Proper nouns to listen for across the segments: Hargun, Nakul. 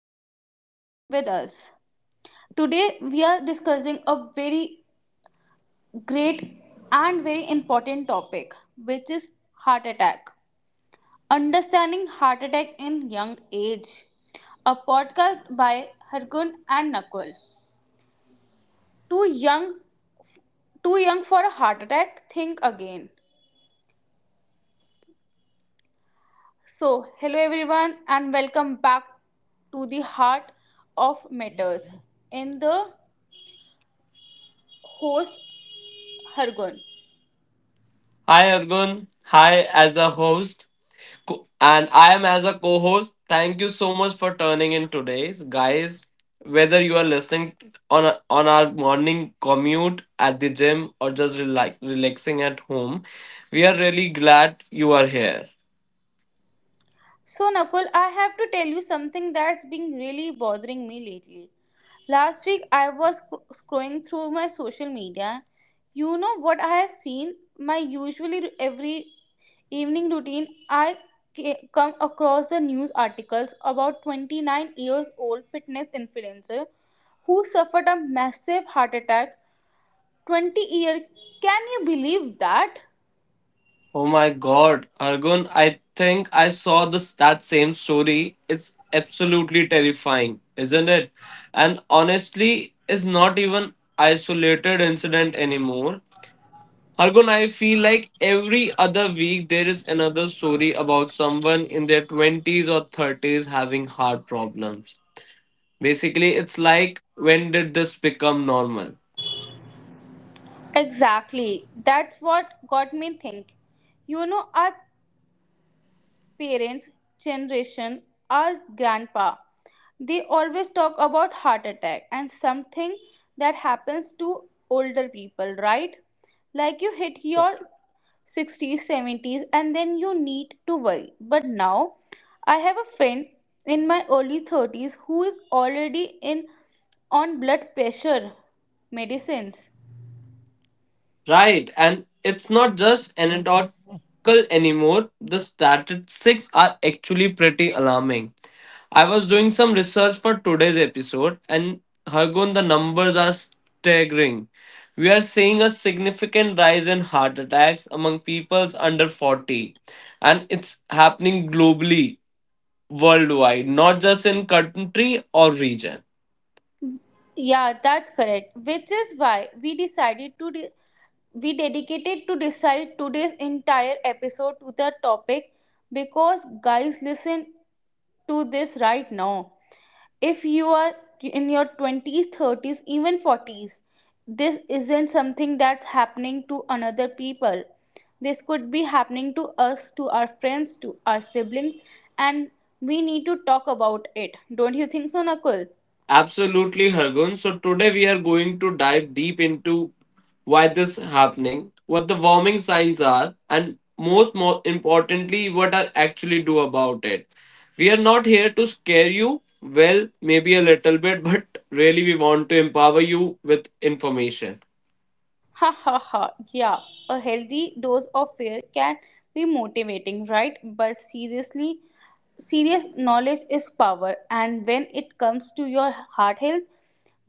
episode with us. Today we are discussing a very great and very important topic, which is heart attack. Understanding heart attack in young age. A podcast by Hargun and Nakul. Too young, too young for a heart attack, think again. Hello everyone and welcome back to the heart of matters. In the host, Hargun. Hi Argun. Hi as a host. And I am as a co host. Thank you so much for turning in today. Guys, whether you are listening on our morning commute at the gym or just relaxing at home, we are really glad you are here. So, Nakul, I have to tell you something that's been really bothering me lately. Last week, I was scrolling through my social media. You know what I have seen? My usually every evening routine, I come across the news articles about 29 years old fitness influencer who suffered a massive heart attack, 20 year, can you believe that? Oh my god, Argun, I think I saw this that same story. It's absolutely terrifying, isn't it? And honestly, it's not even isolated incident anymore. Argun, I feel like every other week there is another story about someone in their 20s or 30s having heart problems. Basically, it's like when did this become normal? Exactly, that's what got me think. You know, our parents generation, our grandpa, they always talk about heart attack and something that happens to older people, right? Like you hit your 60s, 70s, and then you need to worry. But now I have a friend in my early 30s who is already in on blood pressure medicines. Right, and it's not just anecdotal anymore, the statistics are actually pretty alarming. I was doing some research for today's episode, and Hargun, the numbers are staggering. We are seeing a significant rise in heart attacks among people under 40, and it's happening globally, worldwide, not just in country or region. Yeah, that's correct. Which is why we decided to we dedicated to decide today's entire episode to the topic. Because guys, listen to this right now. If you are in your 20s, 30s, even 40s, this isn't something that's happening to another people. This could be happening to us, to our friends, to our siblings, and we need to talk about it. Don't you think so, Nakul? Absolutely, Hargun. So today we are going to dive deep into why this happening, what the warming signs are, and most more importantly, what I actually do about it. We are not here to scare you. Well, maybe a little bit, but really we want to empower you with information. Ha ha ha. Yeah, a healthy dose of fear can be motivating, right? But seriously, serious knowledge is power, and when it comes to your heart health,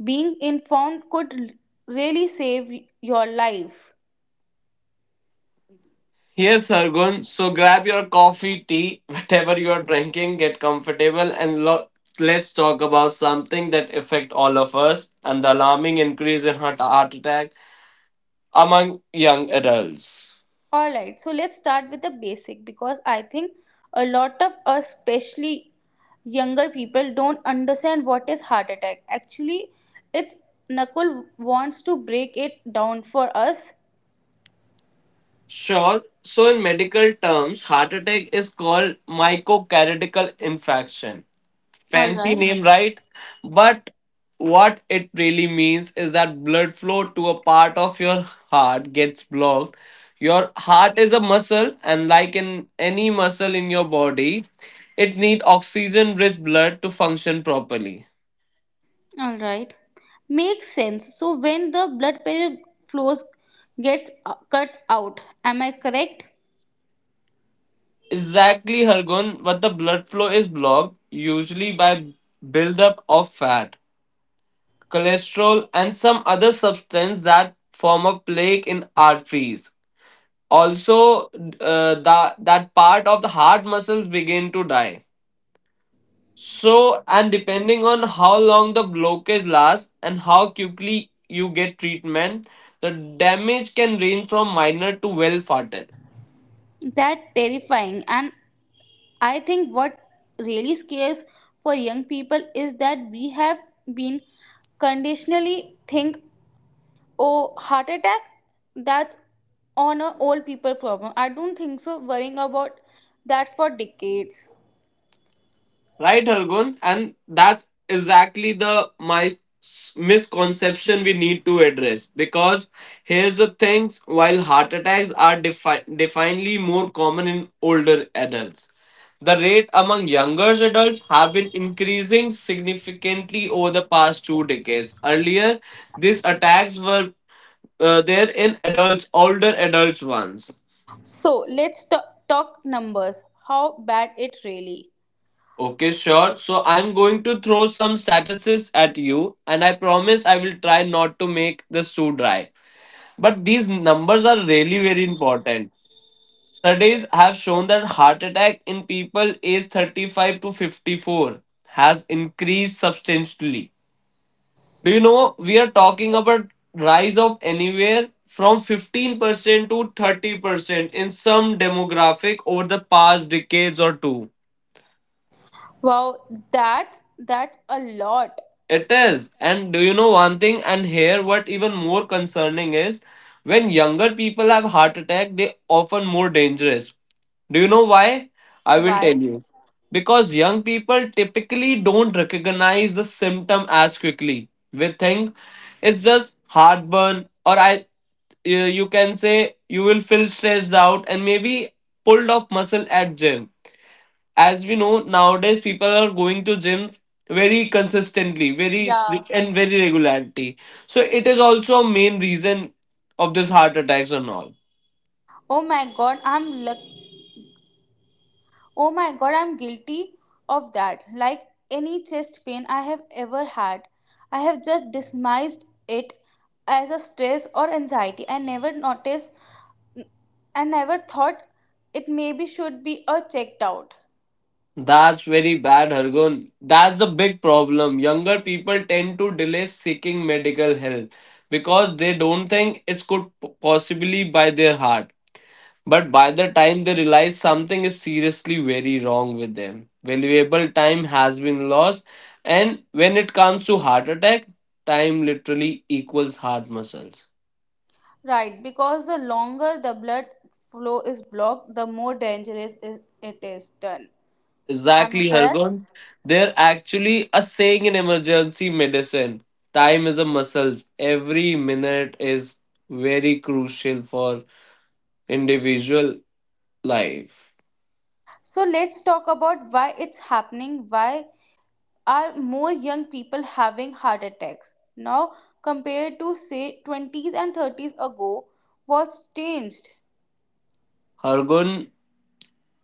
being informed could really save your life. Here's Sargun. So grab your coffee, tea, whatever you are drinking, get comfortable, and let's talk about something that affect all of us and the alarming increase in heart attack among young adults. All right, so let's start with the basic, because I think a lot of us, especially younger people, don't understand what is heart attack. Actually, it's Nakul wants to break it down for us. Sure. So in medical terms, heart attack is called myocardial infarction. All Fancy right. name, right? But what it really means is that blood flow to a part of your heart gets blocked. Your heart is a muscle, and like in any muscle in your body, it need oxygen rich blood to function properly. All right. Makes sense. So when the blood pressure flows gets cut out, am I correct? Exactly, Hargun, but the blood flow is blocked usually by buildup of fat, cholesterol, and some other substance that form a plaque in arteries. Also, that part of the heart muscles begin to die, so and depending on how long the blockage lasts and how quickly you get treatment, the damage can range from minor to well fatal. That terrifying. And I think what really scares for young people is that we have been conditionally think, oh, heart attack, that's on a old people problem. I don't think so. Worrying about that for decades. Right, Hargun? And that's exactly the my misconception we need to address. Because here's the things: while heart attacks are definitely more common in older adults, the rate among younger adults have been increasing significantly over the past two decades. Earlier, these attacks were there in adults, older adults ones. So let's talk numbers. How bad it really? Okay, sure. So I'm going to throw some statistics at you, and I promise I will try not to make this too dry. But these numbers are really very important. Studies have shown that heart attack in people aged 35 to 54 has increased substantially. Do you know we are talking about rise of anywhere from 15% to 30% in some demographic over the past decades or two. Wow, that's a lot. It is. And do you know one thing? And here, what even more concerning is when younger people have heart attack, they often more dangerous. Do you know why? I will Why? tell you. Because young people typically don't recognize the symptom as quickly. We think it's just heartburn, or I, you can say you will feel stressed out and maybe pulled off muscle at gym, as we know nowadays people are going to gym very consistently, very Yeah. and very regularity, so it is also a main reason of this heart attacks and all. Oh my god, I'm luck. Oh my god, I'm guilty of that. Like any chest pain I have ever had, I have just dismissed it as a stress or anxiety. I never noticed. I never thought it maybe should be a checked out. That's very bad, Hargun. That's the big problem, younger people tend to delay seeking medical help because they don't think it's could possibly by their heart. But by the time they realize something is seriously very wrong with them, valuable time has been lost. And when it comes to heart attack, time literally equals heart muscles. Right, because the longer the blood flow is blocked, the more dangerous it is. Done. Am I Exactly, correct? Hargon. They're actually a saying in emergency medicine. Time is a muscles. Every minute is very crucial for individual life. So let's talk about why it's happening. Why are more young people having heart attacks now compared to say 20s and 30s ago? What's changed? Hargun,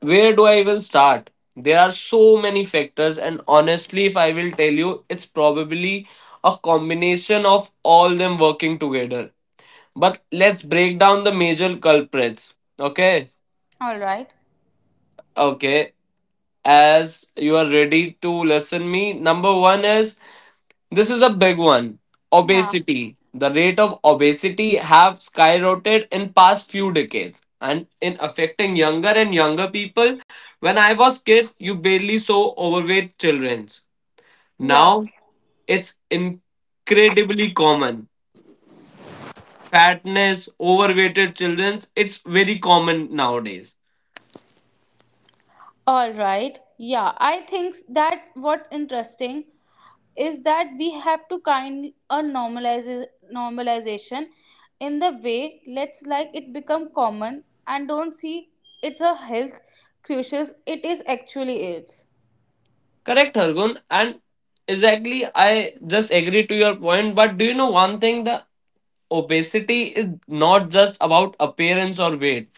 where do I even start? There are so many factors, and honestly, if I will tell you, it's probably a combination of all them working together. But let's break down the major culprits. Okay? All right. Okay. As you are ready to listen me, number one is this is a big one. Yeah. Obesity. The rate of obesity have skyrocketed in past few decades and in affecting younger and younger people. When I was kid, you barely saw overweight childrens. Yeah. Now it's incredibly common. Fatness, overweighted children, it's very common nowadays. All right. Yeah. I think that what's interesting is that we have to kind a normalize normalization in the way, let's like it become common and don't see it's a health crucial it is actually is. Correct, Hargun. And exactly, I just agree to your point. But do you know one thing? The Obesity is not just about appearance or weight.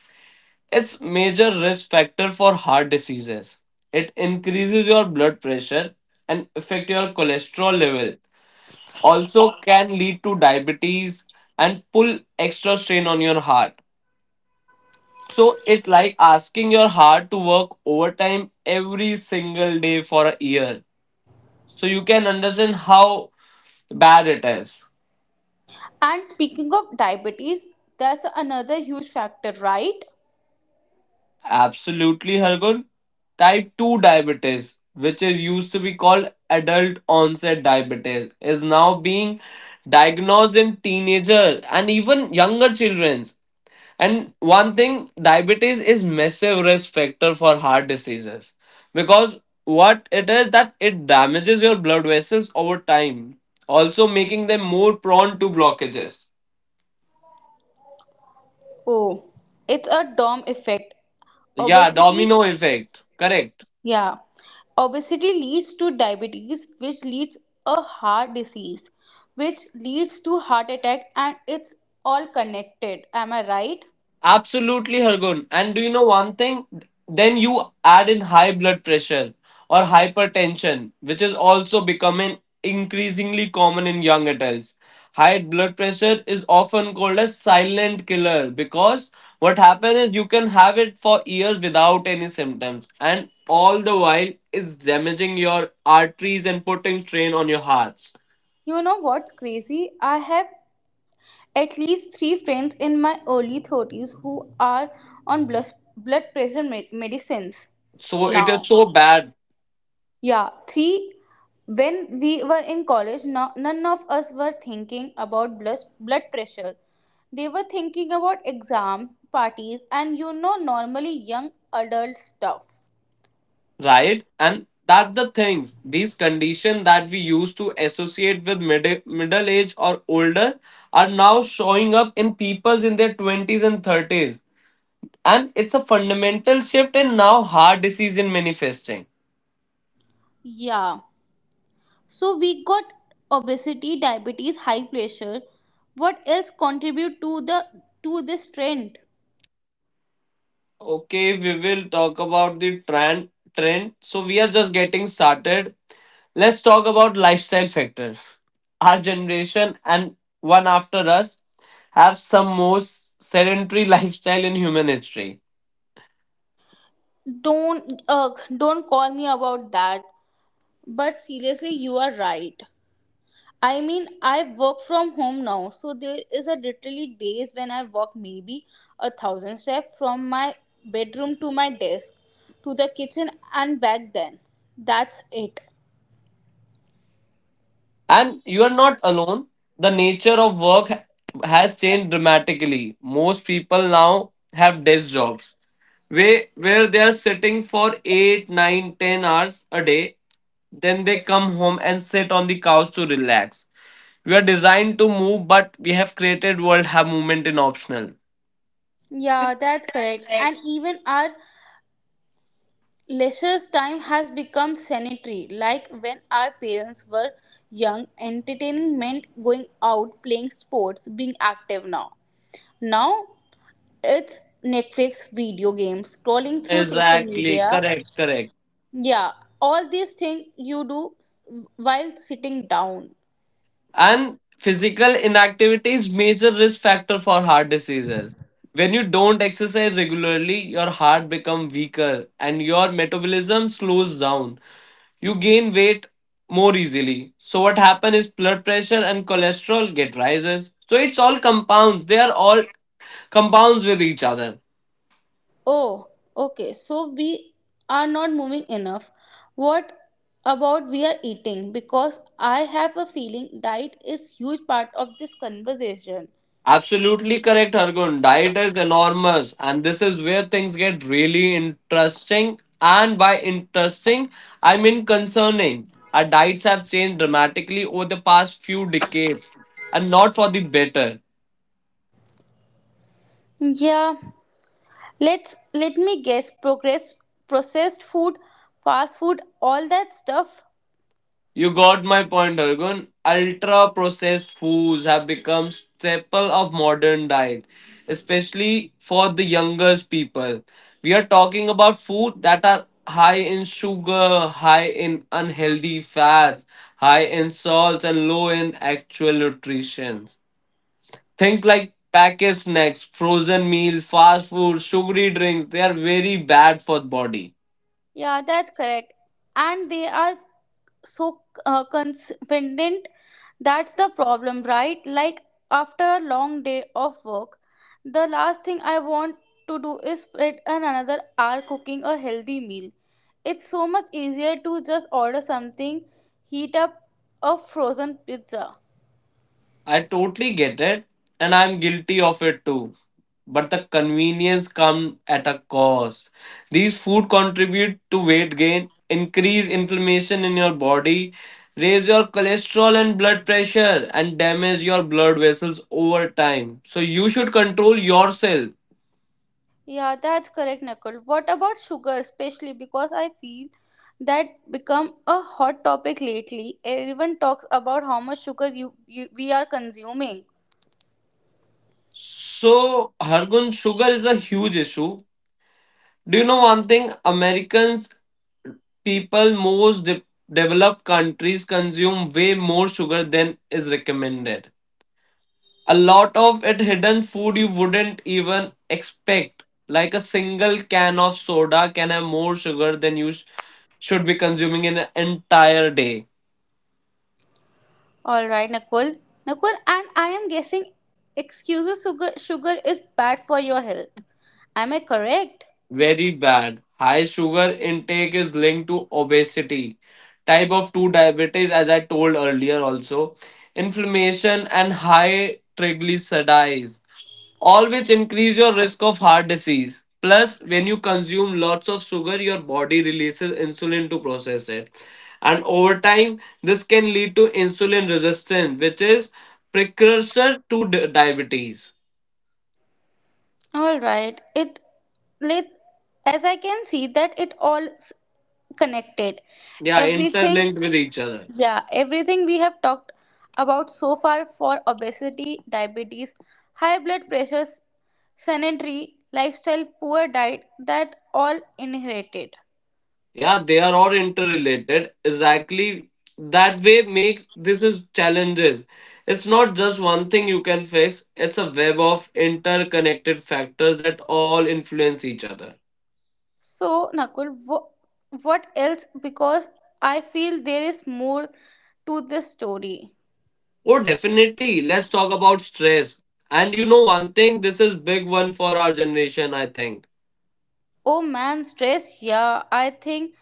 It's major risk factor for heart diseases. It increases your blood pressure and affect your cholesterol level. Also can lead to diabetes and pull extra strain on your heart. So it like asking your heart to work overtime every single day for a year. So you can understand how bad it is. And speaking of diabetes, that's another huge factor, right? Absolutely, Hargun. Type 2 diabetes, which is used to be called adult onset diabetes, is now being diagnosed in teenager and even younger children. And one thing, diabetes is massive risk factor for heart diseases, because what it is that it damages your blood vessels over time, also making them more prone to blockages. Oh, it's a DOM effect. Yeah, Obesity, domino effect. Correct. yeah. Obesity leads to diabetes, which leads a heart disease, which leads to heart attack, and it's all connected. Am I right? Absolutely, Hargun. And do you know one thing? Then you add in high blood pressure or hypertension, which is also becoming increasingly common in young adults. High blood pressure is often called a silent killer because what happens is you can have it for years without any symptoms, and all the while it's damaging your arteries and putting strain on your hearts. You know what's crazy? I have at least three friends in my early 30s who are on blood pressure medicines So it is now. so bad. Yeah, three, when we were in college, no, none of us were thinking about blood pressure. They were thinking about exams, parties, and normally young adult stuff. Right, and that the things these conditions that we used to associate with middle age or older are now showing up in peoples in their 20s and 30s, and it's a fundamental shift in now heart disease in manifesting. Yeah, so we got obesity, diabetes, high pressure. What else contribute to this trend? Okay, we will talk about the trend. So we are just getting started. Let's talk about lifestyle factors. Our generation and one after us have some most sedentary lifestyle in human history. Don't uh, don't call me about that. But seriously, you are right. I mean, I work from home now, so there is a literally days when I walk maybe a thousand steps from my bedroom to my desk, to the kitchen and back then. That's it. And you are not alone. The nature of work has changed dramatically. Most people now have desk jobs where they are sitting for 8, nine, 10 hours a day. Then they come home and sit on the couch to relax. We are designed to move, but we have created world have movement in optional. Yeah, that's correct. And even our leisure time has become sanitary. Like when our parents were young, entertaining meant going out, playing sports, being active now. Now it's Netflix, video games, scrolling through social Exactly, media. Correct. Yeah, all these things you do while sitting down. And physical inactivity is major risk factor for heart diseases. When you don't exercise regularly, your heart becomes weaker and your metabolism slows down. You gain weight more easily. So what happens is blood pressure and cholesterol get rises. So it's all compounds. They are all compounds with each other. Oh, okay. So we are not moving enough. What about we are eating? Because I have a feeling diet is huge part of this conversation. Absolutely correct, Hargun. Diet is enormous, and this is where things get really interesting. And by interesting, I mean concerning. Our diets have changed dramatically over the past few decades, and not for the better. Yeah. Let me guess. Processed food, fast food, all that stuff. You got my point, Argun. Ultra processed foods have become staple of modern diet, especially for the youngest people. We are talking about food that are high in sugar, high in unhealthy fats, high in salts, and low in actual nutrition. Things like packaged snacks, frozen meals, fast food, sugary drinks, they are very bad for the body. Yeah, that's correct. And they are so confident. That's the problem, right? Like after a long day of work, the last thing I want to do is spend another hour cooking a healthy meal. It's so much easier to just order something, heat up a frozen pizza. I totally get it, and I'm guilty of it too. But the convenience come at a cost. These food contribute to weight gain, increase inflammation in your body, raise your cholesterol and blood pressure, and damage your blood vessels over time. So you should control yourself. Yeah, that's correct, Nakul. What about sugar, especially because I feel that become a hot topic lately. Everyone talks about how much sugar you we are consuming. So Hargun, sugar is a huge issue. Do you know one thing? Americans people most developed countries consume way more sugar than is recommended, a lot of it hidden food you wouldn't even expect. Like a single can of soda can have more sugar than you should be consuming in an entire day. All right, Nakul. Nakul, and I am guessing excuses sugar is bad for your health. Am I correct? Very bad. High sugar intake is linked to obesity, type of 2 diabetes as I told earlier, also inflammation and high triglycerides, all which increase your risk of heart disease. Plus, when you consume lots of sugar, your body releases insulin to process it. And over time, this can lead to insulin resistance, which is precursor to diabetes. All right. It let as I can see that it all connected. Yeah, Everything. interlinked with each other. Yeah, everything we have talked about so far for obesity, diabetes, high blood pressure, sedentary lifestyle, poor diet, that all inherited. Yeah, they are all interrelated. Exactly that way makes this is challenges. It's not just one thing you can fix. It's a web of interconnected factors that all influence each other. So, Nakul, what else? Because I feel there is more to this story. Oh, definitely. Let's talk about stress. And you know one thing, this is big one for our generation, I think. Oh man, stress. Yeah, I think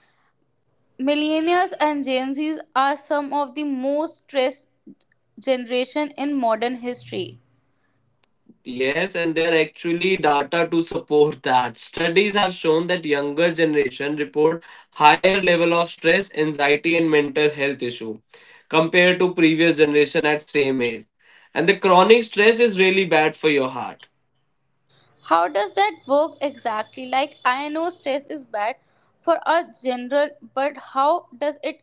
millennials and Gen Zs are some of the most stressed generation in modern history. Yes, and there are actually data to support that. Studies have shown that younger generation report higher level of stress, anxiety and mental health issue compared to previous generation at same age. And the chronic stress is really bad for your heart. How does that work exactly? Like, I know stress is bad for us general, but how does it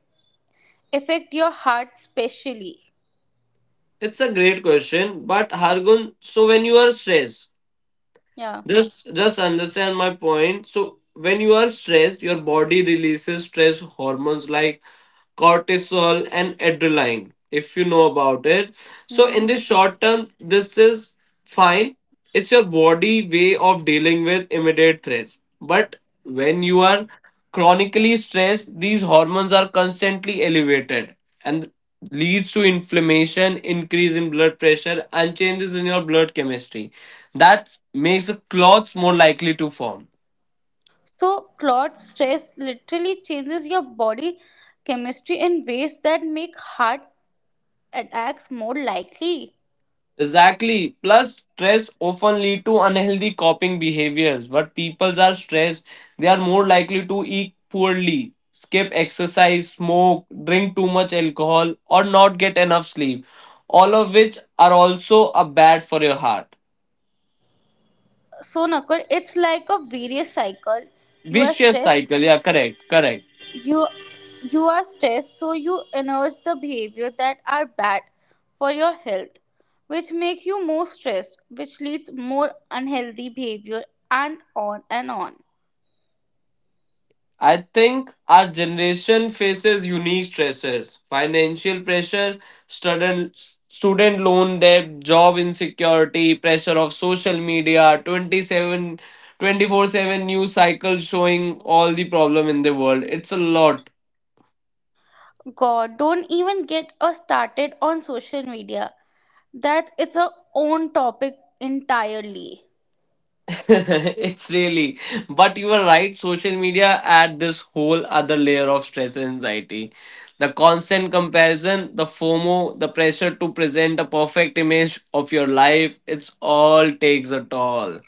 affect your heart specially? It's a great question, but Hargun, so when you are stressed, Yeah. Just understand my point. So when you are stressed, your body releases stress hormones like cortisol and adrenaline, if you know about it, so Hmm. in the short term, this is fine. It's your body way of dealing with immediate threats. But when you are chronically stressed, these hormones are constantly elevated and leads to inflammation, increase in blood pressure, and changes in your blood chemistry. That makes the clots more likely to form. So, clot stress literally changes your body chemistry in ways that make heart attacks more likely. Exactly. Plus, stress often lead to unhealthy coping behaviors. What people are stressed, they are more likely to eat poorly, skip exercise, smoke, drink too much alcohol, or not get enough sleep. All of which are also a bad for your heart. So, Nakul, it's like a various cycle. You are Vicious stressed, cycle. Yeah, correct. Correct. you you are stressed, so you indulge the behavior that are bad for your health, which make you more stressed, which leads more unhealthy behavior, and on and on. I think our generation faces unique stresses, financial pressure, student, student loan debt, job insecurity, pressure of social media, 24/7 news cycle showing all the problem in the world. It's a lot. God, don't even get us started on social media. That it's a own topic entirely. It's really. But you are right, social media add this whole other layer of stress and anxiety, the constant comparison, the FOMO, the pressure to present a perfect image of your life, it's all takes a toll.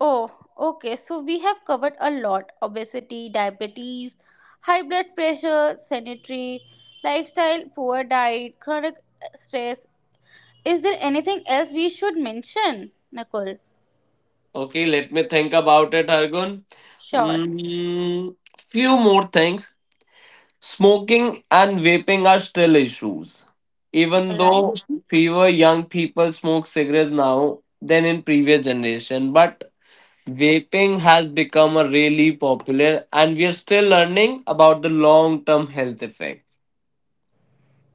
Oh, okay, so we have covered a lot: obesity, diabetes, high blood pressure, sanitary lifestyle, poor diet, chronic stress. Is there anything else we should mention, Nakul? Okay, let me think about it, Argun. Sure. mm, Few more things. Smoking and vaping are still issues, even All though right. fewer young people smoke cigarettes now than in previous generation, but vaping has become a really popular and we are still learning about the long term health effect.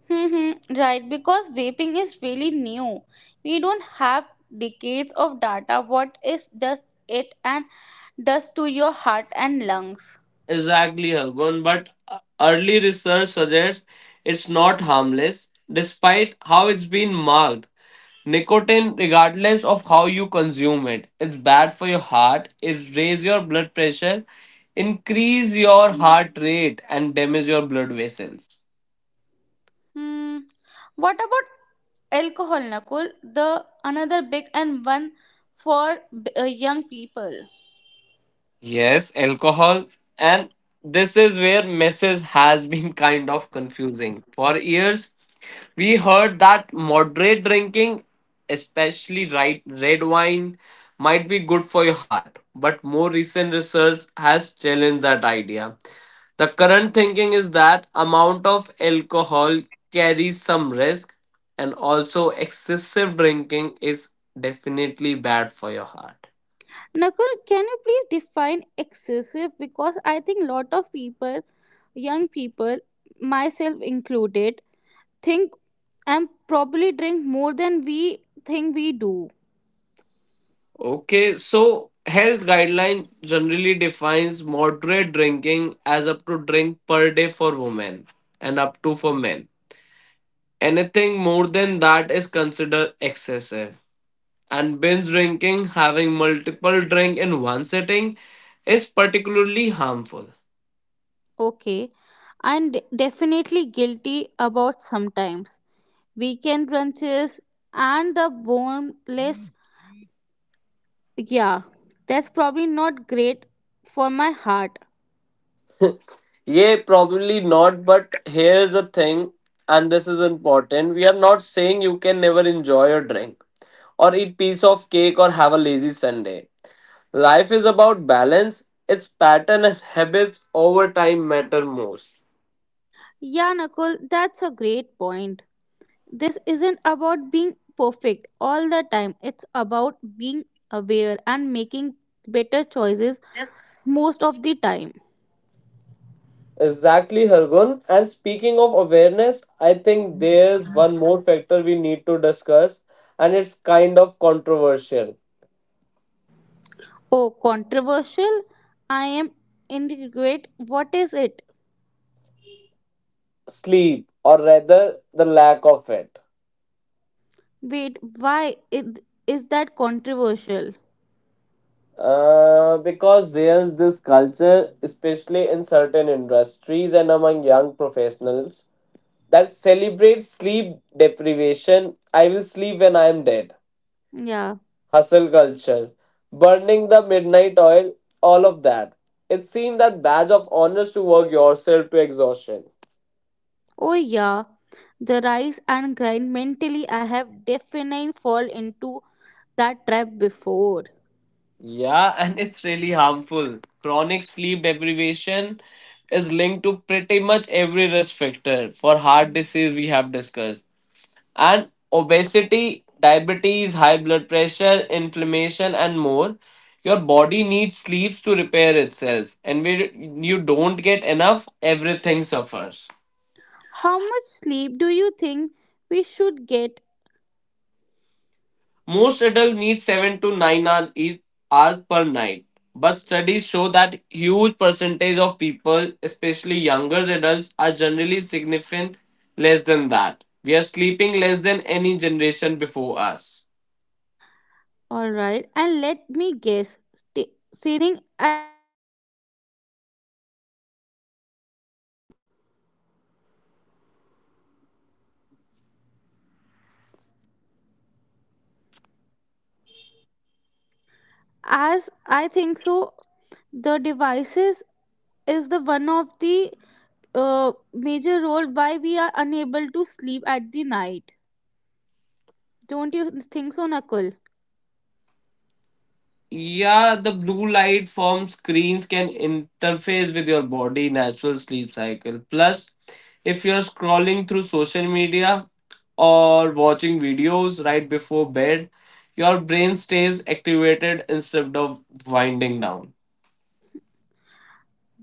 Mm-hmm. Right, because vaping is really new. We don't have decades of data. What is does it and does to your heart and lungs? Exactly, Hargun, but early research suggests it's not harmless despite how it's been marked. Nicotine, regardless of how you consume it, it's bad for your heart, it raises your blood pressure, increase your heart rate, and damage your blood vessels. Hmm. What about alcohol, Nakul? The another big and one for young people. Yes, alcohol. And this is where message has been kind of confusing. For years, we heard that moderate drinking, especially right, red wine, might be good for your heart. But more recent research has challenged that idea. The current thinking is that amount of alcohol carries some risk, and also excessive drinking is definitely bad for your heart. Nakul, can you please define excessive? Because I think lot of people, young people, myself included, think and probably drink more than we think we do. Okay, so health guideline generally defines moderate drinking as up to drink per day for women, and up to for men. Anything more than that is considered excessive. And binge drinking, having multiple drink in one sitting, is particularly harmful. Okay, I'm definitely guilty about sometimes weekend brunches and the boneless. Yeah, that's probably not great for my heart. Yeah, probably not, but here's the thing, and this is important. We are not saying you can never enjoy a drink or eat piece of cake or have a lazy Sunday. Life is about balance. Its pattern and habits over time matter most. Yeah, Nakul, that's a great point. This isn't about being perfect all the time, it's about being aware and making better choices most of the time. Exactly, Hargun. And speaking of awareness, I think there's one more factor we need to discuss, and it's kind of controversial. Oh, controversial? I am inadequate. What is it? Sleep, or rather, the lack of it. Wait, is that controversial? Because there's this culture, especially in certain industries and among young professionals, that celebrates sleep deprivation. I will sleep when I am dead. Yeah. Hustle culture, burning the midnight oil, all of that. It seems that badge of honors to work yourself to exhaustion. Oh, yeah. The rise and grind mentally, I have definitely fall into that trap before. Yeah, and it's really harmful. Chronic sleep deprivation is linked to pretty much every risk factor for heart disease we have discussed. And obesity, diabetes, high blood pressure, inflammation, and more. Your body needs sleeps to repair itself. And when you don't get enough, everything suffers. How much sleep do you think we should get? Most adults need 7 to 9 hours per night, but studies show that huge percentage of people, especially younger adults, are generally significant less than that. We are sleeping less than any generation before us. All right. And let me guess, staring at your phone before bed isn't helping. As I think so, the devices is the one of the major role why we are unable to sleep at the night. Don't you think so, Nakul? Yeah, the blue light from screens can interface with your body natural sleep cycle. Plus, if you're scrolling through social media or watching videos right before bed, your brain stays activated instead of winding down.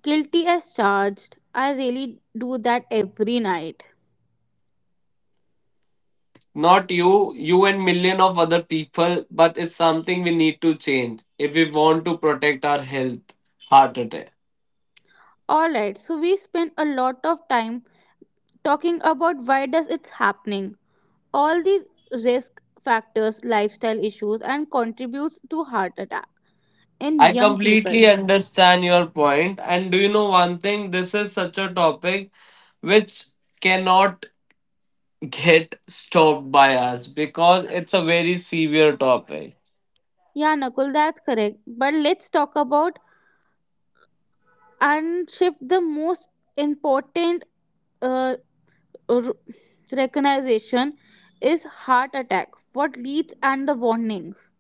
Guilty as charged. I really do that every night. Not you, you and million of other people, but it's something we need to change if we want to protect our health, heart attack. All right. So we spend a lot of time talking about why does it's happening, all the risk factors, lifestyle issues, and contributes to heart attack in I young people. completely understand your point. And do you know one thing? This is such a topic which cannot get stopped by us because it's a very severe topic. Yeah, Nakul, that's correct. But let's talk about and shift the most important uh, r- recognition is heart attack. What leads and the warnings.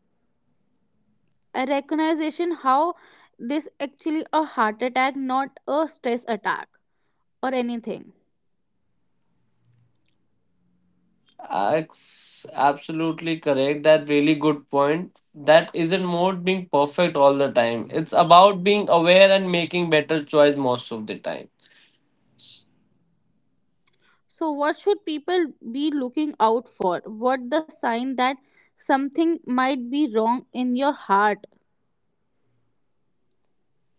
A recognition how this actually a heart attack, not a stress attack or anything. That's absolutely correct. That really good point. That isn't mode being perfect all the time. It's about being aware and making better choice most of the time. So, what should people be looking out for? What the sign that something might be wrong in your heart?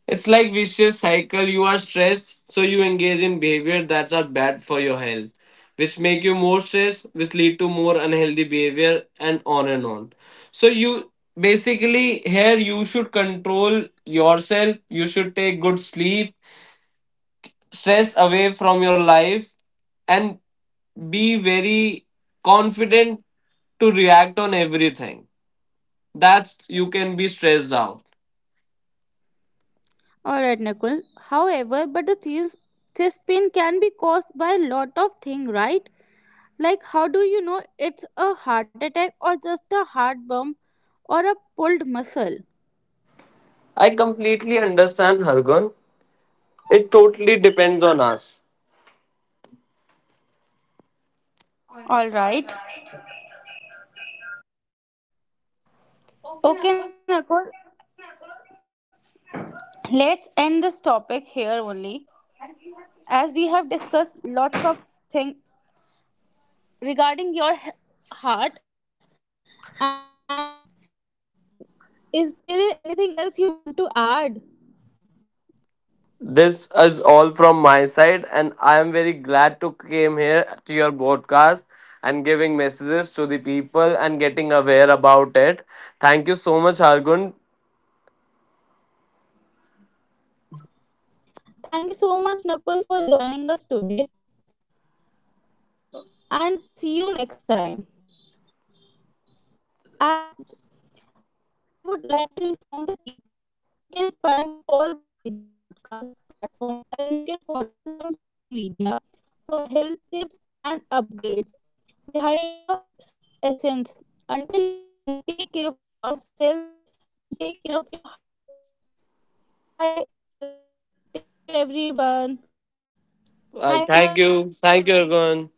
It's like vicious cycle. You are stressed, so you engage in behavior that are bad for your health, which make you more stressed, which lead to more unhealthy behavior, and on and on. So you basically here you should control yourself. You should take good sleep, stress away from your life, and be very confident to react on everything. That's you can be stressed out. Alright, Nakul. However, but the chest pain can be caused by a lot of things, right? Like, how do you know it's a heart attack or just a heart bump or a pulled muscle? I completely understand, Hargun. It totally depends on us. Alright. Okay, Nakul. Let's end this topic here only. As we have discussed lots of things regarding your heart and is there anything else you want to add? This is all from my side, and I am very glad to came here to your podcast and giving messages to the people and getting aware about it. Thank you so much, Argun. Thank you so much, Nakul, for joining us today and see you next time. As I would like to inform the people, you can find all the major podcast platforms and you can follow us on social media for health tips and upgrades behind the essence. Until next time, take care of yourself and take care of your heart. Bye. I love it. Take care, everyone. Thank you, Nakul, for joining us I today. thank you. Thank you, Argun.